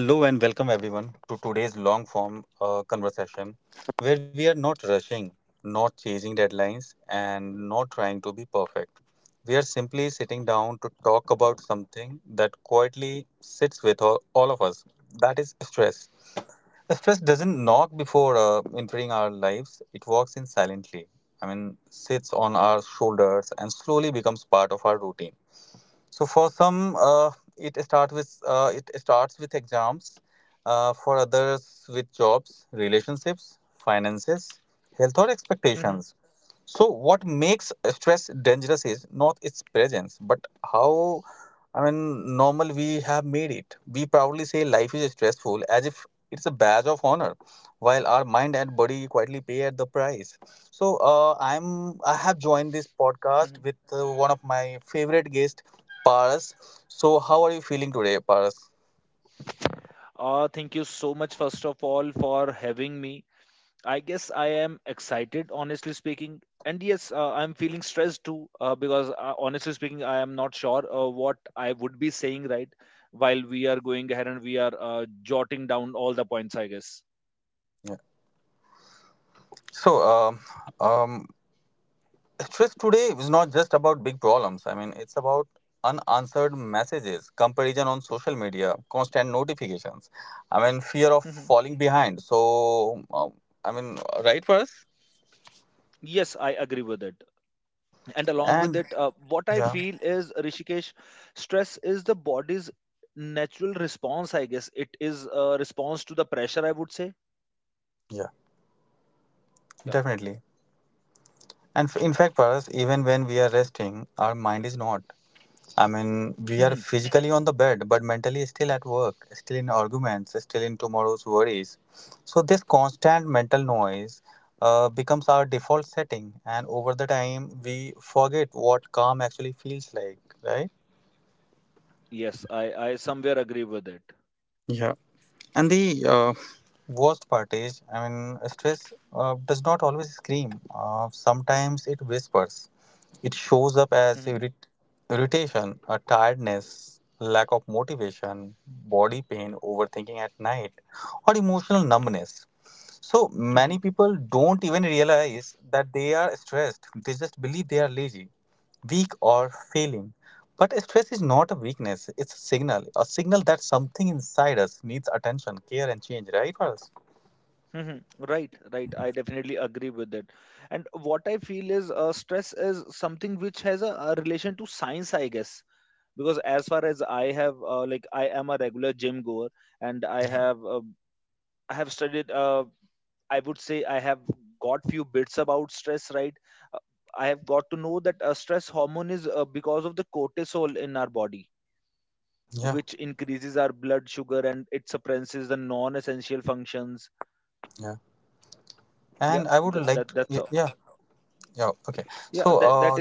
Hello and welcome everyone to today's long form conversation where we are not rushing, not chasing deadlines, and not trying to be perfect. We are simply sitting down to talk about something that quietly sits with all of us, that is stress. Stress doesn't knock before entering our lives, it walks in silently. I mean, sits on our shoulders and slowly becomes part of our routine. So for some, it starts with exams. For others, with jobs, relationships, finances, health, or expectations. So what makes stress dangerous is not its presence, but how, I mean, normal we have made it. We proudly say life is stressful as if it's a badge of honor, while our mind and body quietly pay at the price. So I have joined this podcast with one of my favorite guests, Paras. So, how are you feeling today, Paras? Yeah. So, um, stress today is not just about big problems. I mean, it's about unanswered messages, comparison on social media, constant notifications. I mean, fear of falling behind. So, I mean, right, Paras? And yeah, yeah, definitely. And in fact, Paras, even when we are resting, our mind is not. I mean, we are physically on the bed, but mentally still at work, still in arguments, still in tomorrow's worries. So, this constant mental noise becomes our default setting, and over the time, we forget what calm actually feels like, right? Yeah. And the worst part is, I mean, stress does not always scream. Sometimes it whispers. It shows up as irritation, a tiredness, lack of motivation, body pain, overthinking at night, or emotional numbness. So many people don't even realize that they are stressed. They just believe they are lazy, weak, or failing. But stress is not a weakness, it's a signal that something inside us needs attention, care, and change, right, Paras? Yeah, yeah. And I would like to, yeah, yeah, okay. So,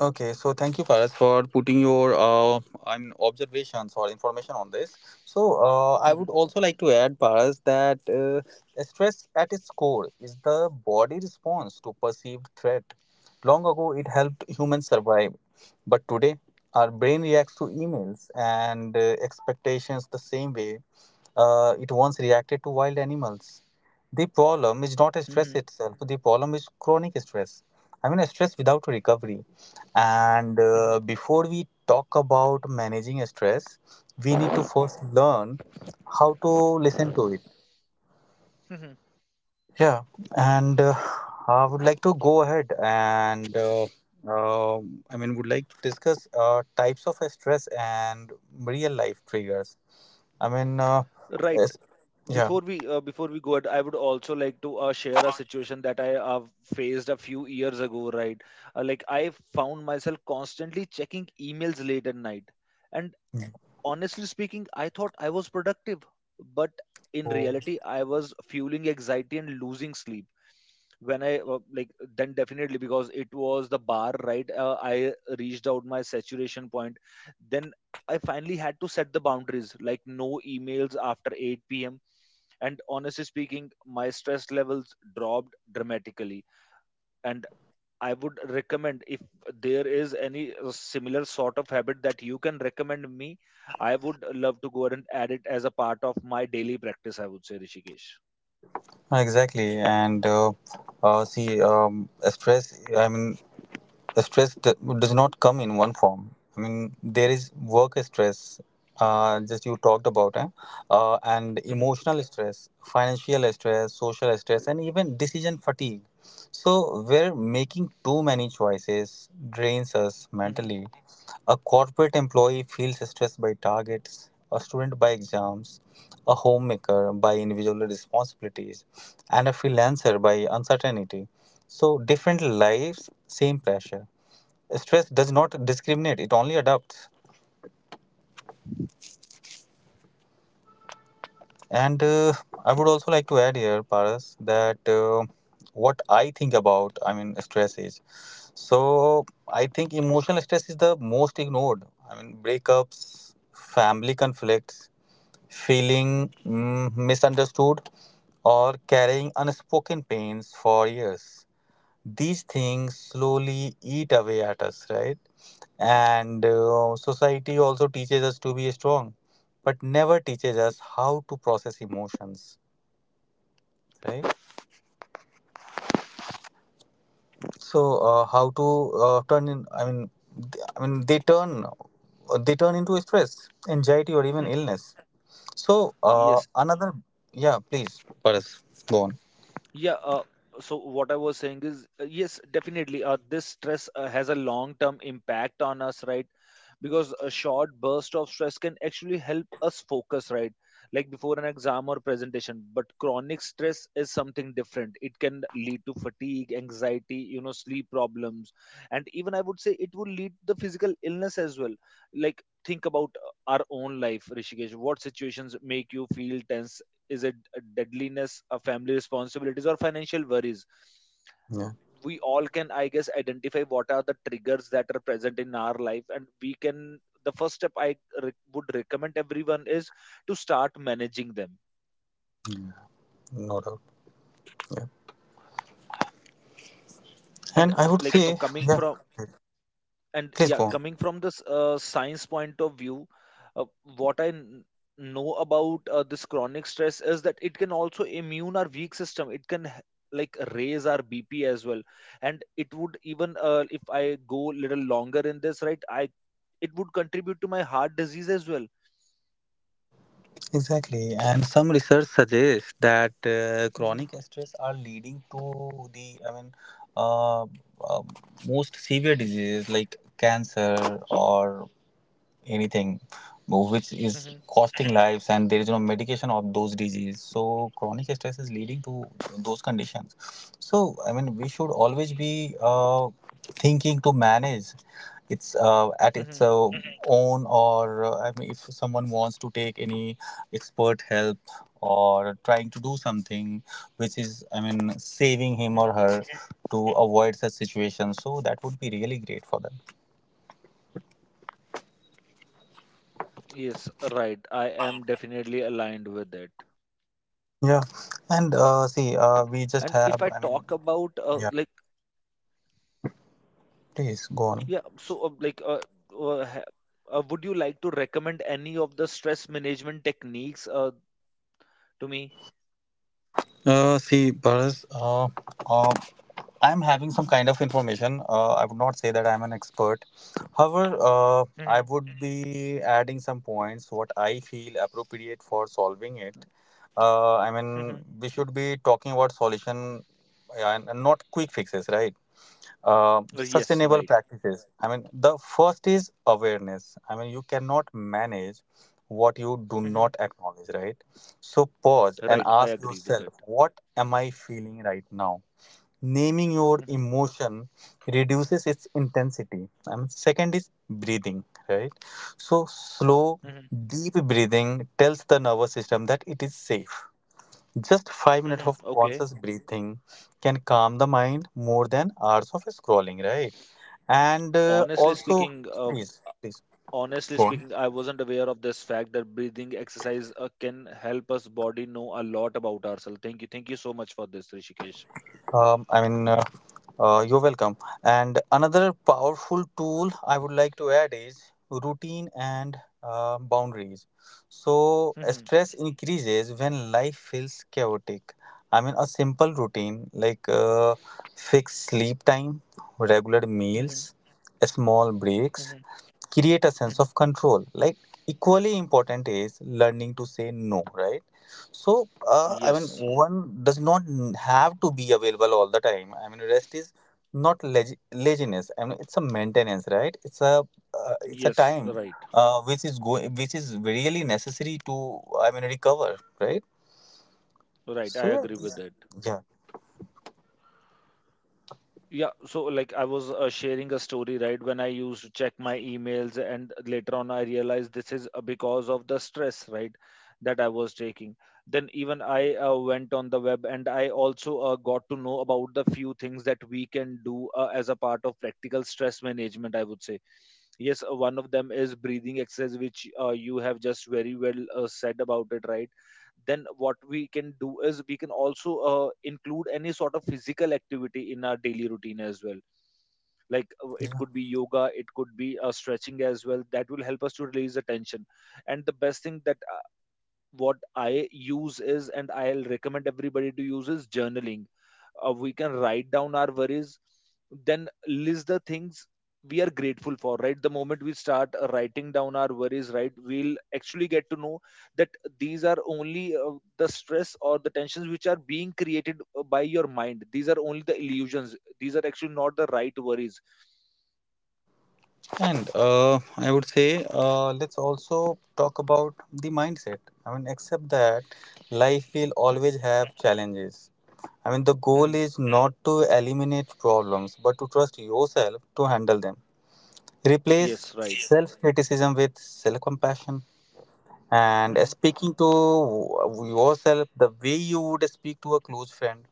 okay, so thank you, Faraz, for putting your I mean, observations or information on this. So I would also like to add, Faraz, that stress at its core is the body response to perceived threat. Long ago, it helped humans survive, but today, our brain reacts to emails and expectations the same way it once reacted to wild animals. The problem is not stress itself, the problem is chronic stress. I mean, stress without recovery. And before we talk about managing stress, we need to first learn how to listen to it. Yeah, and I would like to go ahead and um, I mean, would like to discuss types of stress and real life triggers. I mean, yes, yeah. Oh, exactly. And see, stress. I mean, the stress d- does not come in one form. I mean, there is work stress, just you talked about, eh? And emotional stress, financial stress, social stress, and even decision fatigue. So, where making too many choices drains us mentally. A corporate employee feels stressed by targets, a student by exams, a homemaker by individual responsibilities, and a freelancer by uncertainty. So different lives, same pressure. Stress does not discriminate; it only adapts. And I would also like to add here, Paras, that what I think about, I mean, stress is. So I think emotional stress is the most ignored. I mean, breakups, family conflicts, feeling misunderstood, or carrying unspoken pains for years. These things slowly eat away at us, right? And society also teaches us to be strong but never teaches us how to process emotions, right? So how to turn in I mean th- I mean they turn into stress, anxiety, or even illness. So Yes. another. Yeah, please, Paras, go on. Yeah. So what I was saying is, yes, definitely. This stress has a long-term impact on us, right? Because a short burst of stress can actually help us focus, right, like before an exam or presentation. But chronic stress is something different. It can lead to fatigue, anxiety, sleep problems, and even I would say it will lead to the physical illness as well. Like think about our own life, Rishikesh. What situations make you feel tense? Is it deadliness, a family responsibilities, or financial worries? Yeah. We all can, I guess, identify what are the triggers that are present in our life, and we can, the first step I would recommend everyone is to start managing them. No doubt. Yeah. And And I would like, say, coming yeah, from, and please yeah, go on. coming from this science point of view, uh, what I know about this chronic stress is that it can also immune our weak system, it can like raise our BP as well. And it would even, if I go little longer in this, right, I, it would contribute to my heart disease as well. Exactly, and some research suggests that Mhm, chronic stress are leading to the, I mean, uh, uh, most severe diseases like cancer or anything which is mhm, costing lives and there is no medication of those disease, so chronic stress is leading to those conditions. So I mean, we should always be thinking to manage it's at its mhm, own, or I mean, if someone wants to take any expert help or trying to do something which is, I mean, saving him mhm. or her to avoid such situations, so that would be really great for them. Yes, right. I am definitely aligned with it. Yeah, and And if see, I we talk just about, have, I mean, like, yeah, yeah, please so go on. like, uh, ha- would you like to recommend any of the stress management techniques to me? See, Paras, uh, I'm having some kind of information. I would not say that I'm an expert. However, Mhm, I would be adding some points what I feel appropriate for solving it. I mhm. mean, we should be talking about solution, yeah, and not quick fixes, right? Um, Yes, sustainable right. practices. I mean, the first is awareness. I mean, you cannot manage what you do Mhm. not acknowledge, right? So pause and Right, I ask agree with it. yourself, what am I feeling right now? Naming your Mhm, emotion reduces its intensity. I mean, second is breathing, right? So slow, mhm, deep breathing tells the nervous system that it is safe, just 5 minutes mhm. of Okay. conscious breathing can calm the mind more than hours of scrolling, right? And Honestly also, speaking, uh, please, please Honestly go on. speaking, I wasn't aware of this fact that breathing exercise can help us body know a lot about ourselves. Thank you so much for this, Rishikesh. I mean, you're welcome. And another powerful tool I would like to add is routine and boundaries. So, Mhm, stress increases when life feels chaotic. I mean, a simple routine like fixed sleep time, regular mhm, meals, small breaks, mhm, create a sense mhm. of control. Like, equally important is learning to say no, right? So I mean, Yes, one does not n- have to be available all the time. I mean, rest is not leg laziness. I mean, it's a maintenance, right? It's a it's a yes, time right, which is going, which is really necessary to, I mean, recover, right? right. I So yeah, agree with that. yeah. Yeah, so like I was sharing a story, right? When I used to check my emails, and later on I realized this is because of the stress, right, that I was taking. Then even I went on the web, and I also got to know about the few things that we can do as a part of practical stress management, I would say. Yes, one of them is breathing exercise, which you have just very well said about it, right? Then what we can do is we can also include any sort of physical activity in our daily routine as well. Like, it Yeah. could be yoga, it could be stretching as well, that will help us to release the tension. And the best thing that what I use is and I'll recommend everybody to use is journaling. We can write down our worries, then list the things we are grateful for, right? The moment we start writing down our worries, right, we'll actually get to know that these are only, the stress or the tensions which are being created by your mind, these are only the illusions, these are actually not the right worries. And I would say, let's also talk about the mindset. I mean, accept that life will always Mhm, have challenges. I mean, the goal mhm. is not to eliminate problems, but to trust yourself to handle them. Replace Yes, right. self criticism with self compassion. And Mhm. speaking to yourself the way you would speak to a close friend.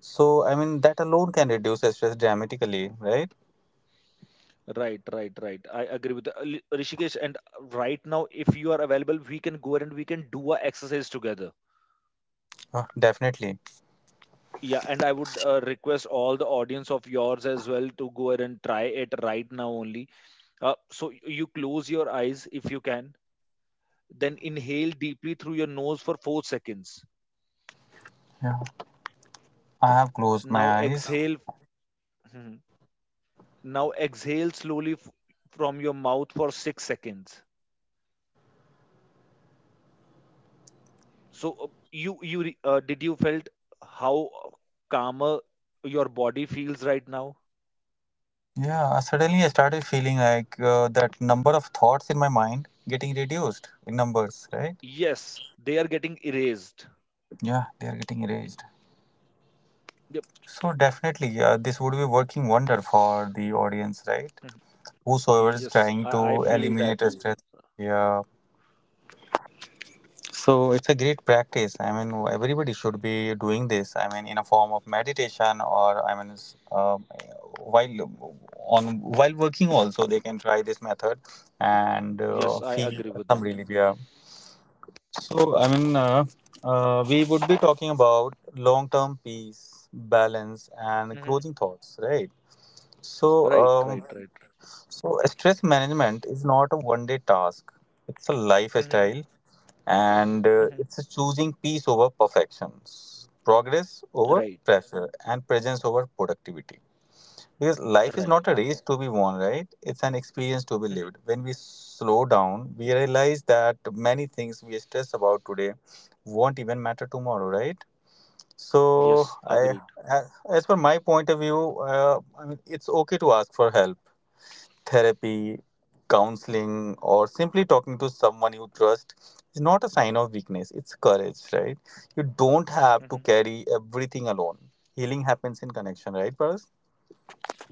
So, I mean, that alone can reduce stress dramatically, right? Right, right, right. I agree with the, Rishikesh. And right now, if you are available, we can go ahead and we can do a exercise together. Definitely. Yeah, and I would request all the audience of yours as well to go ahead and try it right now only. So you close your eyes if you can, then inhale deeply through your nose for 4 seconds. Yeah. I have closed Now my eyes. exhale. Mhm. Now exhale slowly from your mouth for 6 seconds. So did you felt how calmer your body feels right now? Yeah, suddenly I started feeling like that number of thoughts in my mind getting reduced in numbers, right? Yes, they are getting erased. Yeah, they are getting erased. Yep. So definitely, this would be working wonder for the audience, right? Mhm. Whosoever is Yes, trying I to feel that eliminate a too. stress. Yeah. So it's a great practice. I mean, everybody should be doing this. I mean, in a form of meditation or, I mean, while on while working also they can try this method and Yes, I feel agree with some that. relief. Yeah. So, I mean, we would be talking about long term peace, balance, and Hmm. closing thoughts, right? So, Right, right, right. so stress management is not a one day task, it's a Hmm, lifestyle, and hmm. it's a choosing peace over perfection, progress over Right, pressure, and presence over productivity. Because life is right. not a race to be won, right? It's an experience to be lived. Hmm. When we slow down, we realize that many things we stress about today won't even matter tomorrow, right? So, Yes, I, agreed. a- as per my point of view, I mean, it's okay to ask for help, therapy, counseling, or simply talking to someone you trust. Is not a sign of weakness. It's courage, right? You don't have to Hmm. carry everything alone. Healing happens in connection, right, Paras?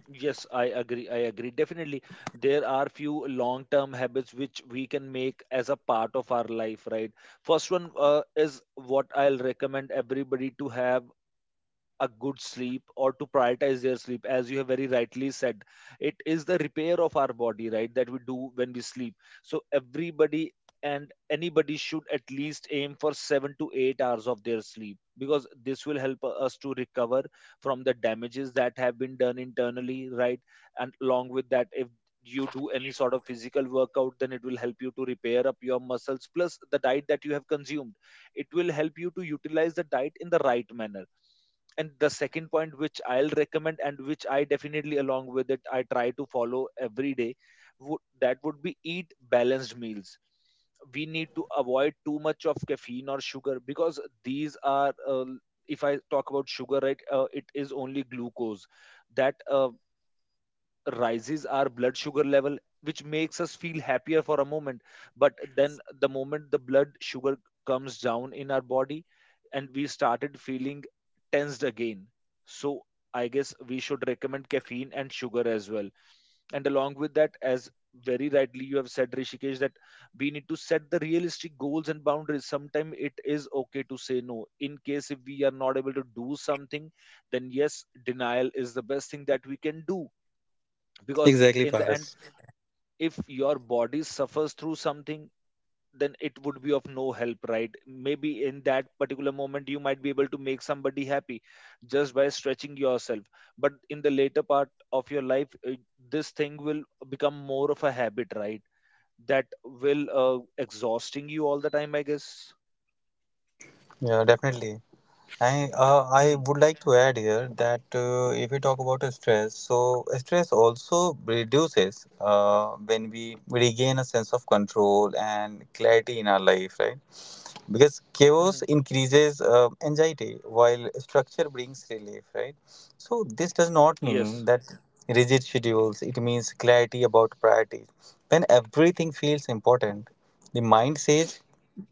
Yes, I agree. I agree. Definitely, there are few long-term habits which we can make as a part of our life, right? First one is what I'll recommend everybody to have a good sleep, or to prioritize their sleep, as you have very rightly said. It is the repair of our body, right, that we do when we sleep. So everybody and anybody should at least aim for 7 to 8 hours of their sleep, because this will help us to recover from the damages that have been done internally, right? And along with that, if you do any sort of physical workout, then it will help you to repair up your muscles, plus the diet that you have consumed, it will help you to utilize the diet in the right manner. And the second point which I'll recommend, and which I definitely, along with it, I try to follow every day, would, that would be eat balanced meals. We need to avoid too much of caffeine or sugar, because these are, if I talk about sugar, right, it is only glucose that rises our blood sugar level, which makes us feel happier for a moment. But then the moment the blood sugar comes down in our body, and we started feeling tensed again. So I guess we should recommend caffeine and sugar as well. And along with that, as very rightly you have said, Rishikesh, that we need to set the realistic goals and boundaries. Sometimes it is okay to say no, in case if we are not able to do something, then yes, denial is the best thing that we can do. Because Exactly, in the end, Paras. if your body suffers through something, then it would be of no help, right? Maybe in that particular moment you might be able to make somebody happy just by stretching yourself, but in the later part of your life, this thing will become more of a habit, right, that will exhausting you all the time, I guess. Yeah, definitely. I Hmm, would like to add here that if we talk about stress, so stress also reduces when we regain a sense of control and clarity in our life, right? Because hmm, hmm. chaos increases anxiety while structure brings relief, right? So this does not Yes. mean that rigid schedules. It means clarity about priorities. When everything feels important, the mind says,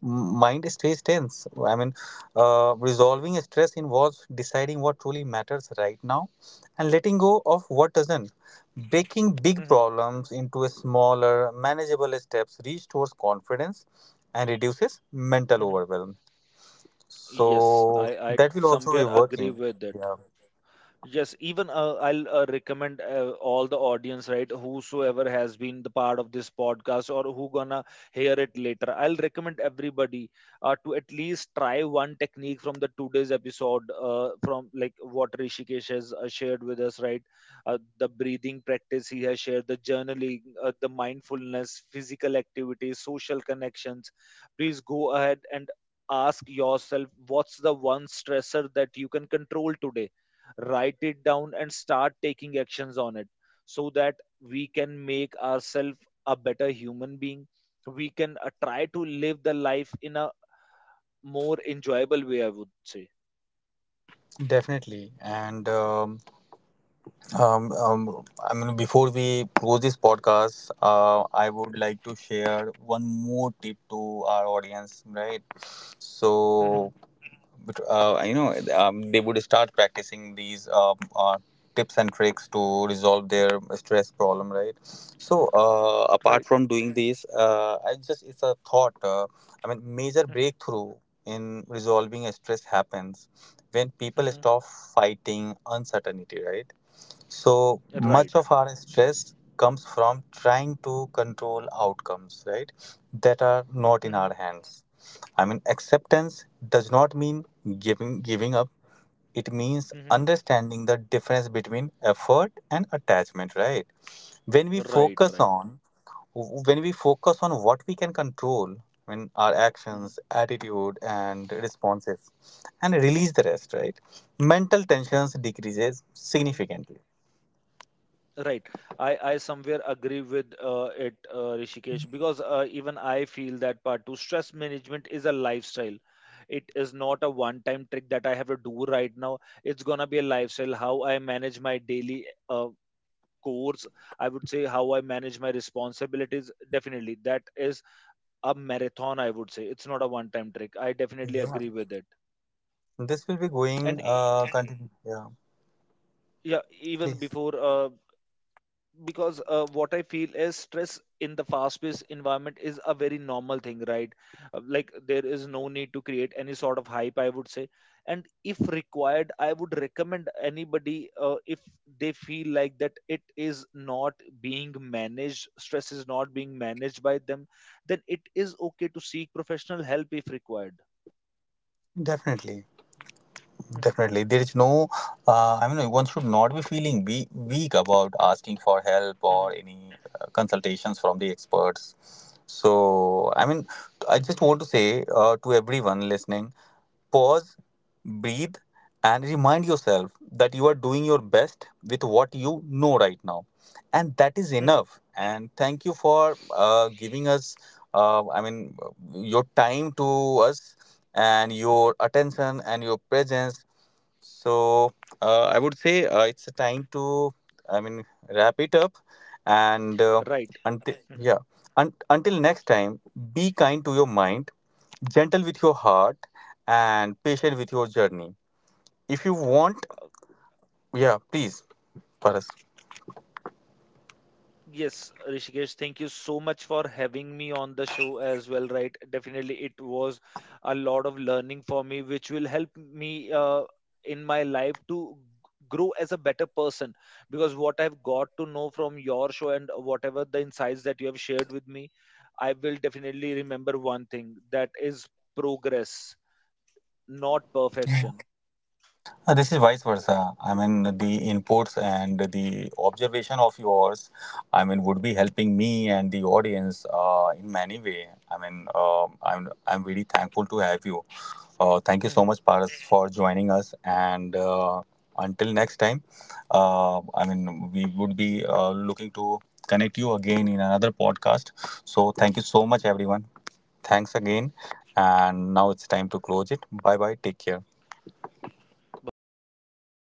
mind stays tense. I mean, resolving stress involves deciding what truly matters right now and letting go of what doesn't. Breaking big Hmm, hmm, problems into smaller, manageable steps restores confidence and reduces mental hmm, hmm. overwhelm. Yes, i So, i that will also be somewhere agree working. with it. Yeah. Yes, even I'll recommend all the audience, right? Whosoever has been the part of this podcast, or who gonna hear it later, I'll recommend everybody to at least try one technique from the today's episode. From like what Rishikesh has shared with us, right? The breathing practice he has shared, the journaling, the mindfulness, physical activities, social connections. Please go ahead and ask yourself, what's the one stressor that you can control today? Write it down and start taking actions on it, so that we can make ourselves a better human being. We can try to live the life in a more enjoyable way, I would say. Definitely. And I mean, before we close this podcast, I would like to share one more tip to our audience, right? Mhm. So, but, you know, they would start practicing these tips and tricks to resolve their stress problem, right? So, apart Right. from doing this, I just it's a thought. I mean, major breakthrough in resolving stress happens when people Mhm. stop fighting uncertainty, right? So Right. much of our stress comes from trying to control outcomes, right? That are not in our Mhm. hands. I mean, acceptance does not mean giving up. It means Mhm. understanding the difference between effort and attachment, right? When we Right, focus right. on when we focus on what we can control, when our Mhm. actions, attitude, and responses, and release the rest, right? Mental tensions decreases Mhm. significantly. Right. I somewhere agree with it, Rishikesh, because even I feel that part too. Stress management is a lifestyle. It is not a one time trick that I have to do right now. It's going to be a lifestyle, how I manage my daily course. I would say how I manage my responsibilities. Definitely, that is a marathon, I would say. It's not a one time trick. I definitely Yeah, agree with it. this will be going And e- continue. Yeah, yeah, even please. before because what I feel is stress in the fast paced environment is a very normal thing, right? Like there is no need to create any sort of hype, I would say. And if required, I would recommend anybody, if they feel like that it is not being managed, stress is not being managed by them, then it is okay to seek professional help if required. Definitely, Mhm, definitely. There is no, I mean, one should not be feeling we weak about asking for help or mhm, any consultations from the experts. So, I mean, I just mhm, want to say to everyone listening, pause, breathe, and remind yourself that you are doing your best with what you know right now. And that is mhm. enough. And thank you for giving us, I mean, your time to us and your attention and your presence. So I would say it's a time to, I mean, wrap it up, and Right. until Mhm. yeah, until next time, be kind to your mind, gentle with your heart, and patient with your journey. If you want, yeah, please, Paras. Yes, Rishikesh, thank you so much for having me on the show as well, right? Definitely, it was a lot of learning for me, which will help me in my life to grow as a better person. Because what I've got to know from your show, and whatever the insights that you have shared with me, I will definitely remember one thing, that is progress, not perfection. This is vice versa. I mean, the inputs and the observation of yours, I mean, would be helping me and the audience in many way. I mean, um, I'm really thankful to have you. Thank you so Bye much, Paras, for joining us. And until next time, I mean, we would be looking to connect you again in another podcast. So thank you so much, everyone. Thanks again. And now it's time to close it. Bye bye. Take care. bye. Take care. Thank you.